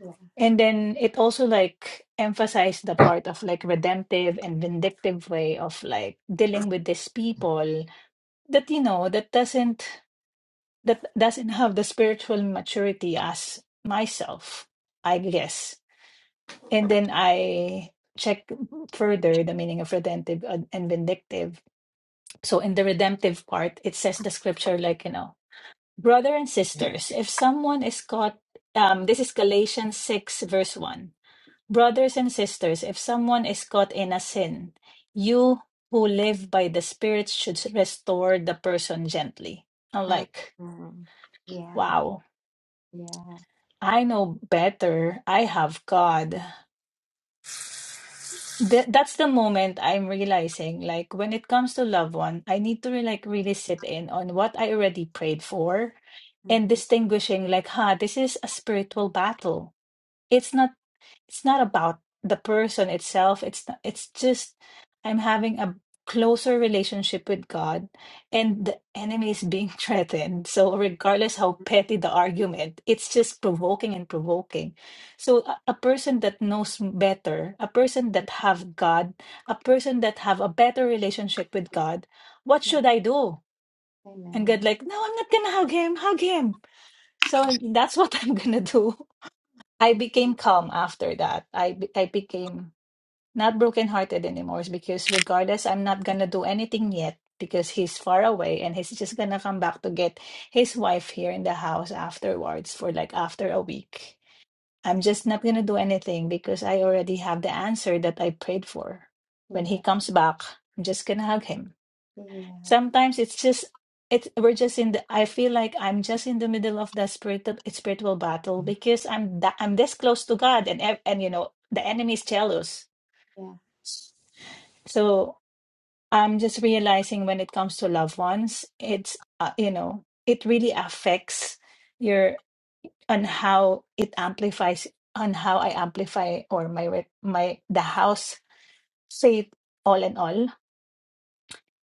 [SPEAKER 5] Yeah.
[SPEAKER 8] and then it also like emphasized the part of like redemptive and vindictive way of like dealing with these people that you know that doesn't that doesn't have the spiritual maturity as myself i guess And then I check further the meaning of redemptive and and vindictive. So in the redemptive part, it says the scripture like, you know, brother and sisters, if someone is caught, um, this is Galatians 6, verse 1. Brothers and sisters, if someone is caught in a sin, you who live by the Spirit should restore the person gently. I'm
[SPEAKER 5] Mhm.
[SPEAKER 8] like,
[SPEAKER 5] Mhm. Yeah.
[SPEAKER 8] wow,
[SPEAKER 5] Yeah.
[SPEAKER 8] I know better. I have God. Th that's the moment I'm realizing, like when it comes to loved one, I need to like really sit in on what I already prayed for and
[SPEAKER 5] Mhm.
[SPEAKER 8] distinguishing like, huh, this is a spiritual battle. It's not it's not about the person itself it's not, it's just i'm having a closer relationship with god and the enemy is being threatened so regardless how petty the argument it's just provoking and provoking so a, a person that knows better a person that have god a person that have a better relationship with god what
[SPEAKER 5] Mhm.
[SPEAKER 8] should i do and
[SPEAKER 5] Amen.
[SPEAKER 8] god like no i'm not gonna hug him hug him so that's what i'm gonna do I became calm after that. I be- I became not brokenhearted anymore because regardless, I'm not gonna do anything yet because he's far away and he's just gonna come back to get his wife here in the house afterwards for like after a week. I'm just not gonna do anything because I already have the answer that I prayed for. When he
[SPEAKER 5] Yeah.
[SPEAKER 8] comes back, I'm just gonna hug him
[SPEAKER 5] Yeah.
[SPEAKER 8] sometimes it's just it we're just in the i feel like i'm just in the middle of the spiritual spiritual battle because i'm that i'm this close to god and ev- and you know the enemy is jealous
[SPEAKER 5] Yeah.
[SPEAKER 8] so i'm just realizing when it comes to loved ones it's uh, you know it really affects your on how it amplifies on how i amplify or my re- my the house faith all in all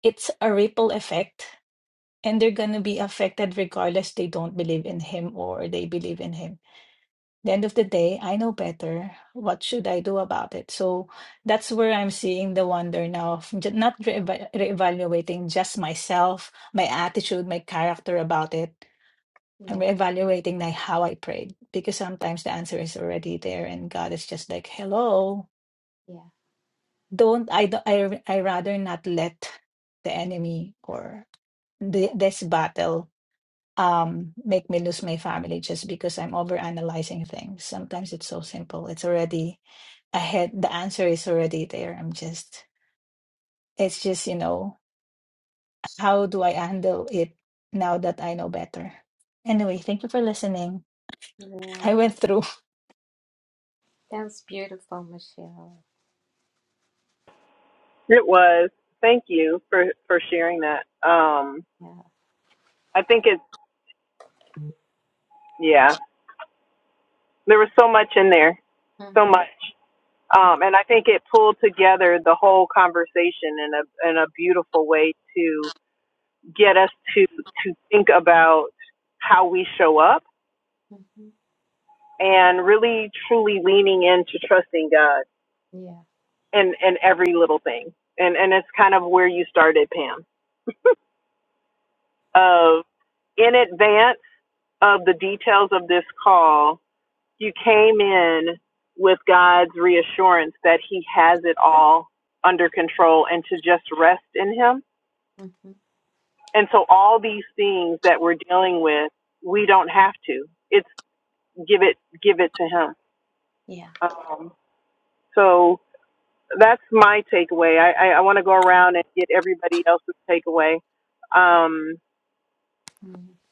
[SPEAKER 8] it's a ripple effect and they're going to be affected regardless they don't believe in him or they believe in him the end of the day i know better what should i do about it so that's where i'm seeing the wonder now of j- not re- reevaluating just myself my attitude my character about it i'm
[SPEAKER 5] Yeah.
[SPEAKER 8] reevaluating like how i prayed because sometimes the answer is already there and god is just like hello
[SPEAKER 5] Yeah.
[SPEAKER 8] don't i do- i, I rather not let the enemy or the, this battle um make me lose my family just because I'm overanalyzing things. Sometimes it's so simple. It's already ahead. The answer is already there. I'm just it's just, you know, how do I handle it now that I know better? Anyway, thank you for listening.
[SPEAKER 5] Yeah.
[SPEAKER 8] I went through.
[SPEAKER 5] That was beautiful, Michelle.
[SPEAKER 9] It was. Thank you for for sharing that. Um,
[SPEAKER 5] Yeah.
[SPEAKER 9] I think it's yeah. There was so much in there, so
[SPEAKER 5] Mm-hmm.
[SPEAKER 9] much, um, and I think it pulled together the whole conversation in a in a beautiful way to get us to to think about how we show up
[SPEAKER 5] Mm-hmm.
[SPEAKER 9] and really truly leaning into trusting God
[SPEAKER 5] Yeah.
[SPEAKER 9] in in every little thing. And and it's kind of where you started, Pam. Of in advance of the details of this call, you came in with God's reassurance that He has it all under control and to just rest in Him.
[SPEAKER 5] Mm-hmm.
[SPEAKER 9] And so, all these things that we're dealing with, we don't have to. It's give it, give it to Him.
[SPEAKER 5] Yeah.
[SPEAKER 9] Um, so that's my takeaway. I, I, I want to go around and get everybody else's takeaway. Um,
[SPEAKER 5] Mm-hmm.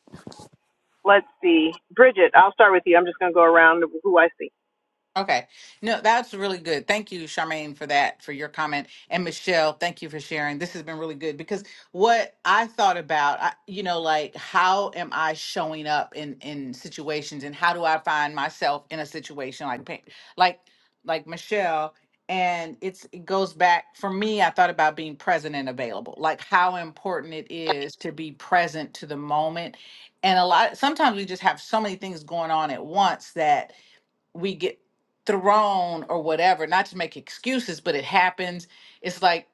[SPEAKER 9] let's see, Bridget. I'll start with you. I'm just going to go around who I see.
[SPEAKER 2] Okay. No, that's really good. Thank you, Charmaine, for that, for your comment. And Michelle, thank you for sharing. This has been really good because what I thought about, I, you know, like how am I showing up in in situations and how do I find myself in a situation like pa- like like Michelle and it's it goes back for me I thought about being present and available. Like how important it is to be present to the moment. And a lot sometimes we just have so many things going on at once that we get thrown or whatever not to make excuses but it happens it's like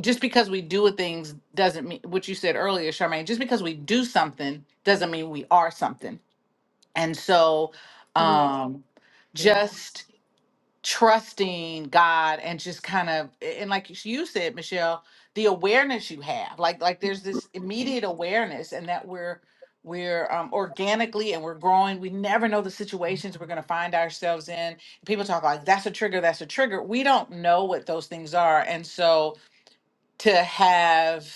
[SPEAKER 2] just because we do a things doesn't mean what you said earlier charmaine just because we do something doesn't mean we are something and so
[SPEAKER 5] Yeah.
[SPEAKER 2] um
[SPEAKER 5] Yeah.
[SPEAKER 2] just trusting God and just kind of and like you said, Michelle, the awareness you have, like like there's this immediate awareness and that we're we're um, organically and we're growing. We never know the situations we're going to find ourselves in. People talk like that's a trigger, that's a trigger. We don't know what those things are, and so to have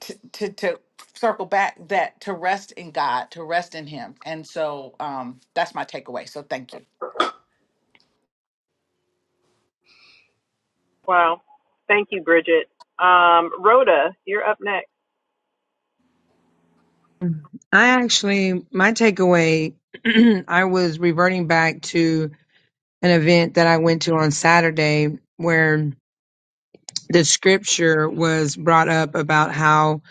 [SPEAKER 2] to to, to circle back that to rest in God, to rest in Him, and so um, that's my takeaway. So thank you.
[SPEAKER 9] Wow. Thank you, Bridget. Um, Rhoda, you're up next.
[SPEAKER 1] I actually, my takeaway, I was reverting back to an event that I went to on Saturday where the scripture was brought up about how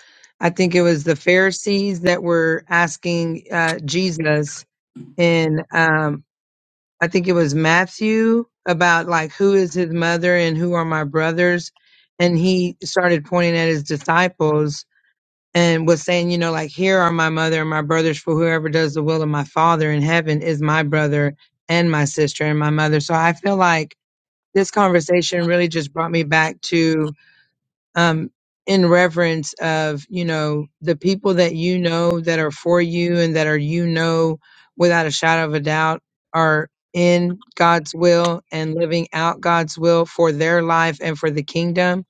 [SPEAKER 1] I think it was the Pharisees that were asking uh, Jesus in, um, I think it was Matthew about like who is his mother and who are my brothers. And he started pointing at his disciples and was saying, you know, like, here are my mother and my brothers, for whoever does the will of my father in heaven is my brother and my sister and my mother. So I feel like this conversation really just brought me back to, um, in reverence of, you know, the people that you know that are for you and that are, you know, without a shadow of a doubt are in God's will and living out God's will for their life and for the kingdom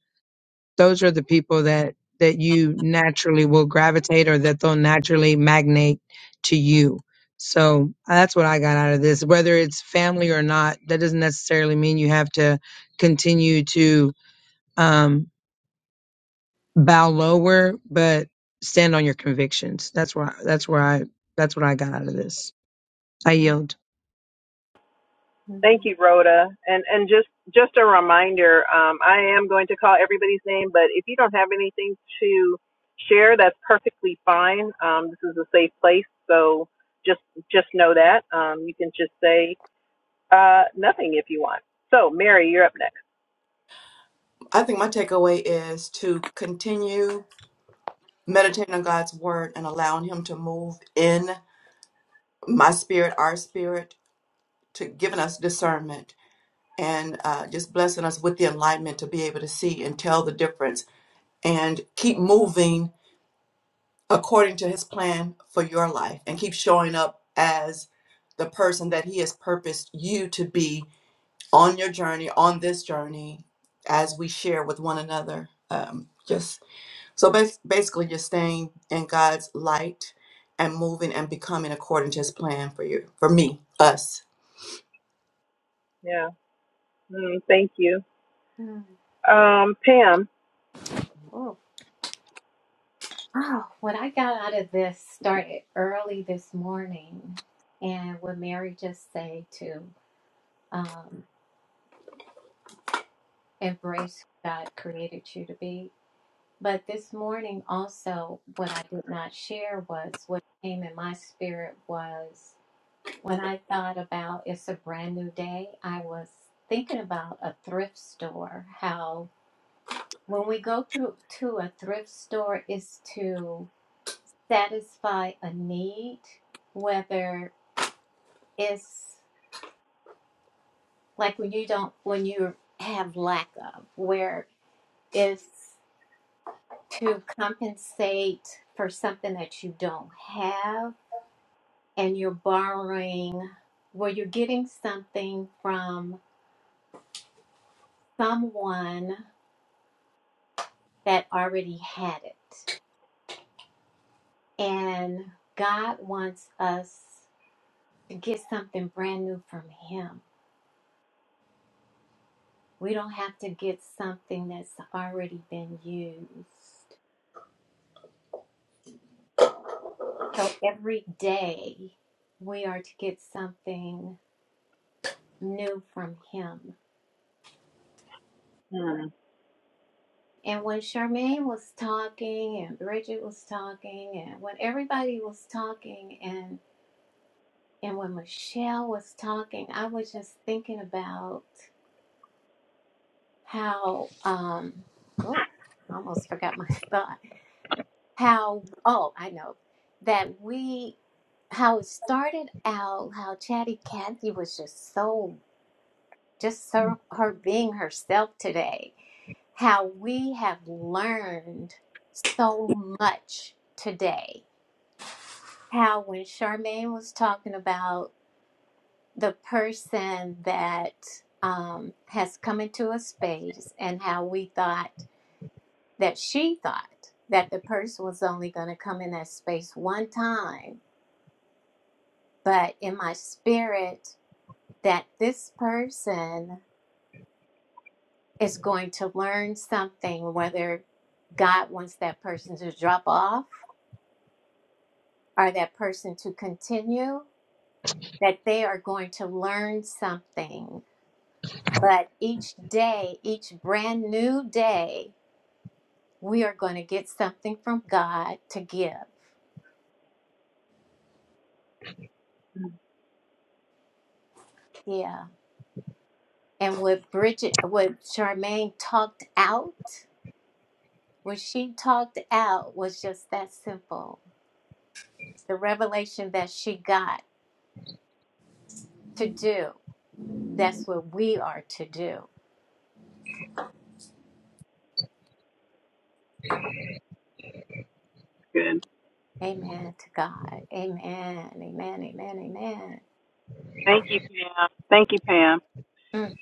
[SPEAKER 1] those are the people that that you naturally will gravitate or that they'll naturally magnate to you so that's what i got out of this whether it's family or not that doesn't necessarily mean you have to continue to um bow lower but stand on your convictions that's why that's where i that's what i got out of this i yield
[SPEAKER 9] Thank
[SPEAKER 5] Mm-hmm.
[SPEAKER 9] you, Rhoda. And and just just a reminder, um, I am going to call everybody's name, but if you don't have anything to share, that's perfectly fine. Um, this is a safe place, so just just know that. Um, you can just say uh, nothing if you want. So, Mary, you're up next.
[SPEAKER 3] I think my takeaway is to continue meditating on God's word and allowing Him to move in my spirit, our spirit, to giving us discernment and uh, just blessing us with the enlightenment to be able to see and tell the difference and keep moving according to his plan for your life and keep showing up as the person that he has purposed you to be on your journey, on this journey, as we share with one another. Um, just so bas- basically, just staying in God's light and moving and becoming according to his plan for you, for me, us.
[SPEAKER 9] Yeah. Mm, thank you,
[SPEAKER 5] Mm.
[SPEAKER 9] um, Pam.
[SPEAKER 5] Oh. Oh, what I got out of this started early this morning, and what Mary just say to um, embrace who God created you to be. But this morning, also, what I did not share was what came in my spirit was when I thought about it's a brand new day. I was thinking about a thrift store. How when we go through to a thrift store is to satisfy a need, whether Is like when you don't when you have lack of where it's to compensate for something that you don't have and you're borrowing where you're getting something from someone that already had it and god wants us to get something brand new from him we don't have to get something that's already been used So every day we are to get something new from him.
[SPEAKER 9] Mm,
[SPEAKER 5] And when Charmaine was talking and Bridget was talking and when everybody was talking and and when Michelle was talking, I was just thinking about how um oh, I almost forgot my thought. How oh, I know that we how it started out, how Chatty Cathy was just so just her, her being herself today, how we have learned so much today. How when Charmaine was talking about the person that um, has come into a space and how we thought that she thought that the person was only going to come in that space one time, but in my spirit, that this person is going to learn something, whether God wants that person to drop off or that person to continue, that they are going to learn something. But each day, each brand new day, we are going to get something from God to give. Yeah. And what Bridget, what Charmaine talked out, what she talked out was just that simple. The revelation that she got to do, that's what we are to do
[SPEAKER 9] good.
[SPEAKER 5] Amen to God. Amen. Amen. Amen.
[SPEAKER 9] Thank thank you, Pam.
[SPEAKER 5] Amen.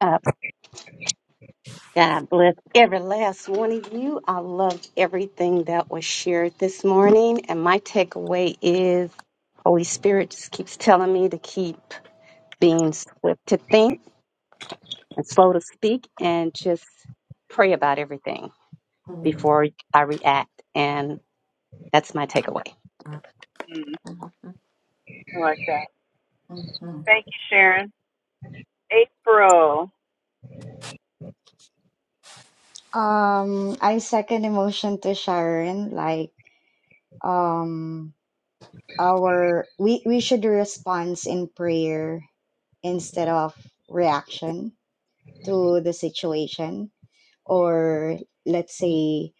[SPEAKER 4] Uh, God bless every last one of you. I loved everything that was shared this morning. And my takeaway is Holy Spirit just keeps telling me to keep being swift to think and slow to speak and just pray about everything before I react. And that's my takeaway.
[SPEAKER 3] Mm-hmm.
[SPEAKER 9] Mm, I like that. Thank you, Sharon. April.
[SPEAKER 7] Um, I second emotion to Sharon. Like, um, our we we should respond in prayer instead of reaction to the situation, or let's say,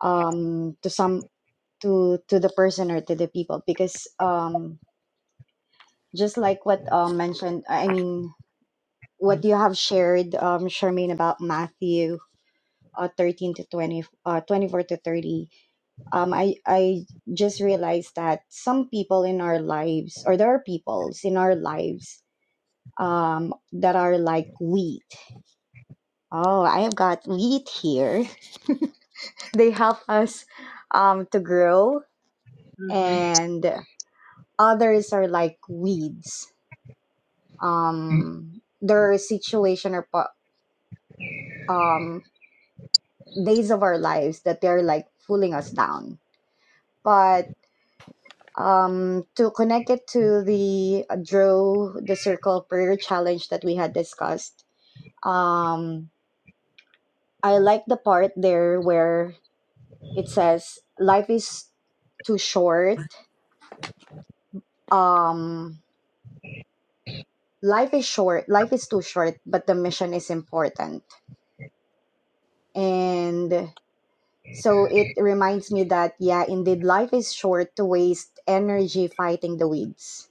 [SPEAKER 7] um, to some to to the person or to the people, because um, just like what um mentioned, I mean,
[SPEAKER 5] Mm.
[SPEAKER 7] what you have shared, um, Charmaine about Matthew, uh, 13 to 20 uh, 24 to 30 um, I, I just realized that some people in our lives or there are peoples in our lives um, that are like wheat oh i have got wheat here they help us um, to grow
[SPEAKER 9] hmm
[SPEAKER 7] and others are like weeds um, there are situation or po- um, days of our lives that they're like pulling us down but um to connect it to the uh, draw the circle prayer challenge that we had discussed um i like the part there where it says life is too short um life is short life is too short but the mission is important and so it reminds me that yeah indeed life is short to waste energy fighting the weeds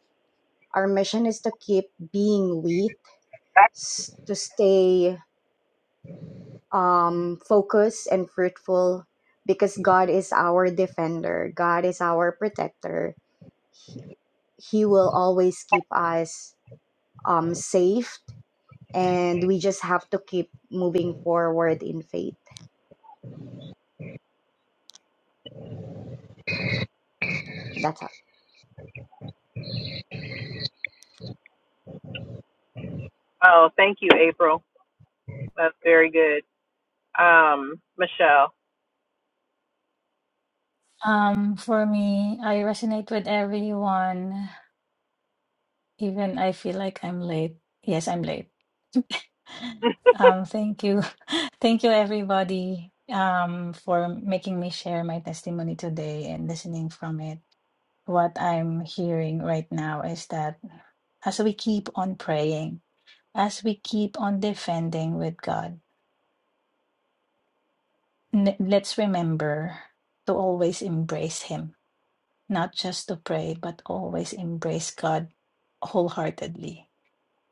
[SPEAKER 7] our mission is to keep being wheat s- to stay um, focused and fruitful because God is our defender, God is our protector. He, he will always keep us um, safe, and we just have to keep moving forward in faith. That's all.
[SPEAKER 9] Oh, thank you, April. That's very good. Um, Michelle.
[SPEAKER 8] Um for me, I resonate with everyone, even I feel like I'm late. Yes, I'm late. Um, thank you. Thank you, everybody, um, for making me share my testimony today and listening from it. What I'm hearing right now is that as we keep on praying, as we keep on defending with God, n- let's remember to always embrace Him, not just to pray, but always embrace God wholeheartedly,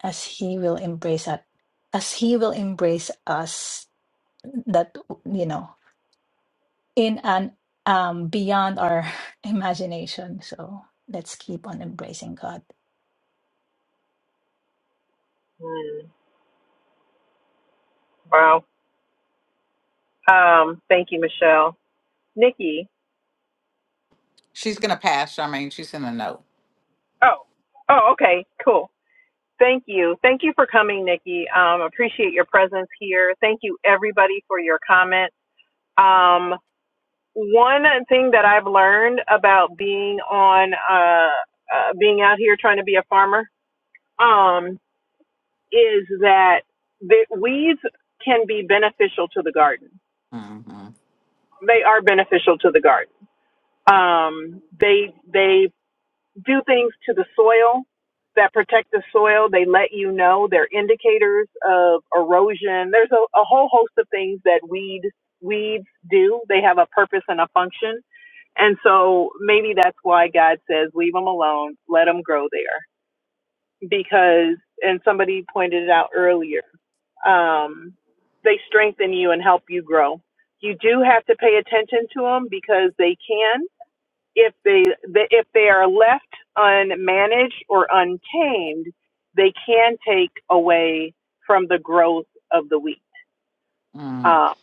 [SPEAKER 8] as He will embrace us, as He will embrace us. That you know. in and um, beyond our imagination. So let's keep on embracing God.
[SPEAKER 9] Mm, wow. Um, thank you, Michelle. Nikki.
[SPEAKER 2] She's gonna pass, Charmaine. She's in a note.
[SPEAKER 9] Oh. Oh, okay. Cool. Thank you. Thank you for coming, Nikki. Um, appreciate your presence here. Thank you, everybody, for your comments. Um, one thing that I've learned about being on, uh, uh, being out here trying to be a farmer. Um, is that the weeds can be beneficial to the garden.
[SPEAKER 2] hmm
[SPEAKER 9] They are beneficial to the garden. Um, they they do things to the soil that protect the soil. They let you know. They're indicators of erosion. There's a, a whole host of things that weed weeds do. They have a purpose and a function. And so maybe that's why God says, leave them alone, let them grow there because and somebody pointed it out earlier um, they strengthen you and help you grow you do have to pay attention to them because they can if they if they are left unmanaged or untamed they can take away from the growth of the week
[SPEAKER 2] Mm.
[SPEAKER 9] uh,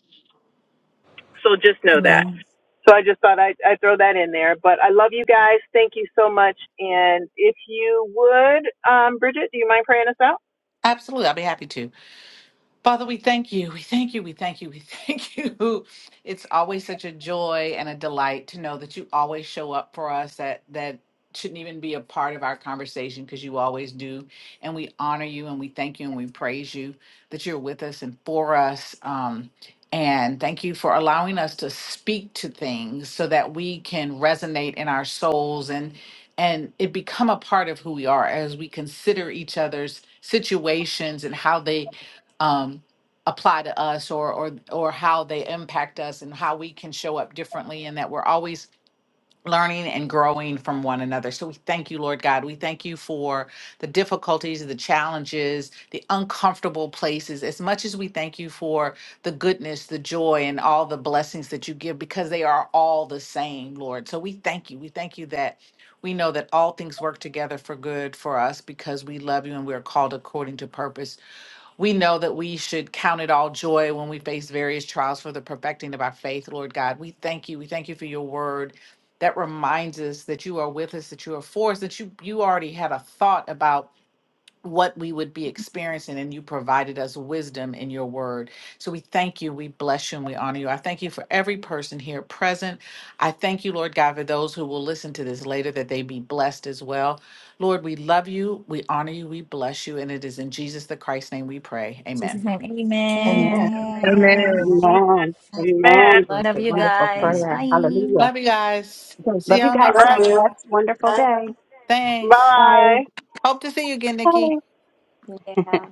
[SPEAKER 9] so just know that
[SPEAKER 8] Amen. In
[SPEAKER 9] so I just thought I'd, I'd throw that in there. But I love you guys. Thank you so much. And if you would, um, Bridget, do you mind praying us out?
[SPEAKER 2] Absolutely, I'll be happy to. Father, we thank you. We thank you. We thank you. We thank you. It's always such a joy and a delight to know that you always show up for us that that shouldn't even be a part of our conversation because you always do. And we honor you and we thank you and we praise you that you're with us and for us. Um, and thank you for allowing us to speak to things so that we can resonate in our souls and and it become a part of who we are as we consider each other's situations and how they um, apply to us or or or how they impact us and how we can show up differently and that we're always learning and growing from one another. So we thank you, Lord God. We thank you for the difficulties, the challenges, the uncomfortable places. As much as we thank you for the goodness, the joy and all the blessings that you give because they are all the same, Lord. So we thank you. We thank you that we know that all things work together for good for us because we love you and we are called according to purpose we know that we should count it all joy when we face various trials for the perfecting of our faith, Lord God. We thank you. We thank you for your word that reminds us that you are with us, that you are for us, that you you already had a thought about what we would be experiencing, and you provided us wisdom in your word. So we thank you, we bless you, and we honor you. I thank you for every person here present. I thank you, Lord God, for those who will listen to this later, that they be blessed as well. Lord, we love you, we honor you, we bless you, and it is in Jesus the Christ's name we pray.
[SPEAKER 8] Jesus'
[SPEAKER 2] Amen.
[SPEAKER 8] name,
[SPEAKER 3] Amen.
[SPEAKER 8] amen.
[SPEAKER 1] Amen.
[SPEAKER 7] Amen.
[SPEAKER 4] Amen.
[SPEAKER 5] Amen.
[SPEAKER 9] Amen.
[SPEAKER 4] Amen.
[SPEAKER 5] Love
[SPEAKER 4] That's
[SPEAKER 8] Love
[SPEAKER 4] a
[SPEAKER 5] you,
[SPEAKER 8] you
[SPEAKER 4] wonderful
[SPEAKER 8] guys.
[SPEAKER 2] Amen.
[SPEAKER 4] prayer.
[SPEAKER 8] Bye.
[SPEAKER 4] Hallelujah.
[SPEAKER 2] Love you guys.
[SPEAKER 4] Okay,
[SPEAKER 2] See
[SPEAKER 4] Love you
[SPEAKER 2] y'all
[SPEAKER 9] All
[SPEAKER 4] guys.
[SPEAKER 2] next
[SPEAKER 3] Love
[SPEAKER 4] Have
[SPEAKER 9] right.
[SPEAKER 4] a
[SPEAKER 2] time.
[SPEAKER 3] you.
[SPEAKER 4] blessed, wonderful
[SPEAKER 3] Bye.
[SPEAKER 4] day.
[SPEAKER 2] Thanks.
[SPEAKER 4] Bye.
[SPEAKER 9] Bye.
[SPEAKER 2] Hope to see you again, Nikki.
[SPEAKER 4] Bye.
[SPEAKER 5] Danielle.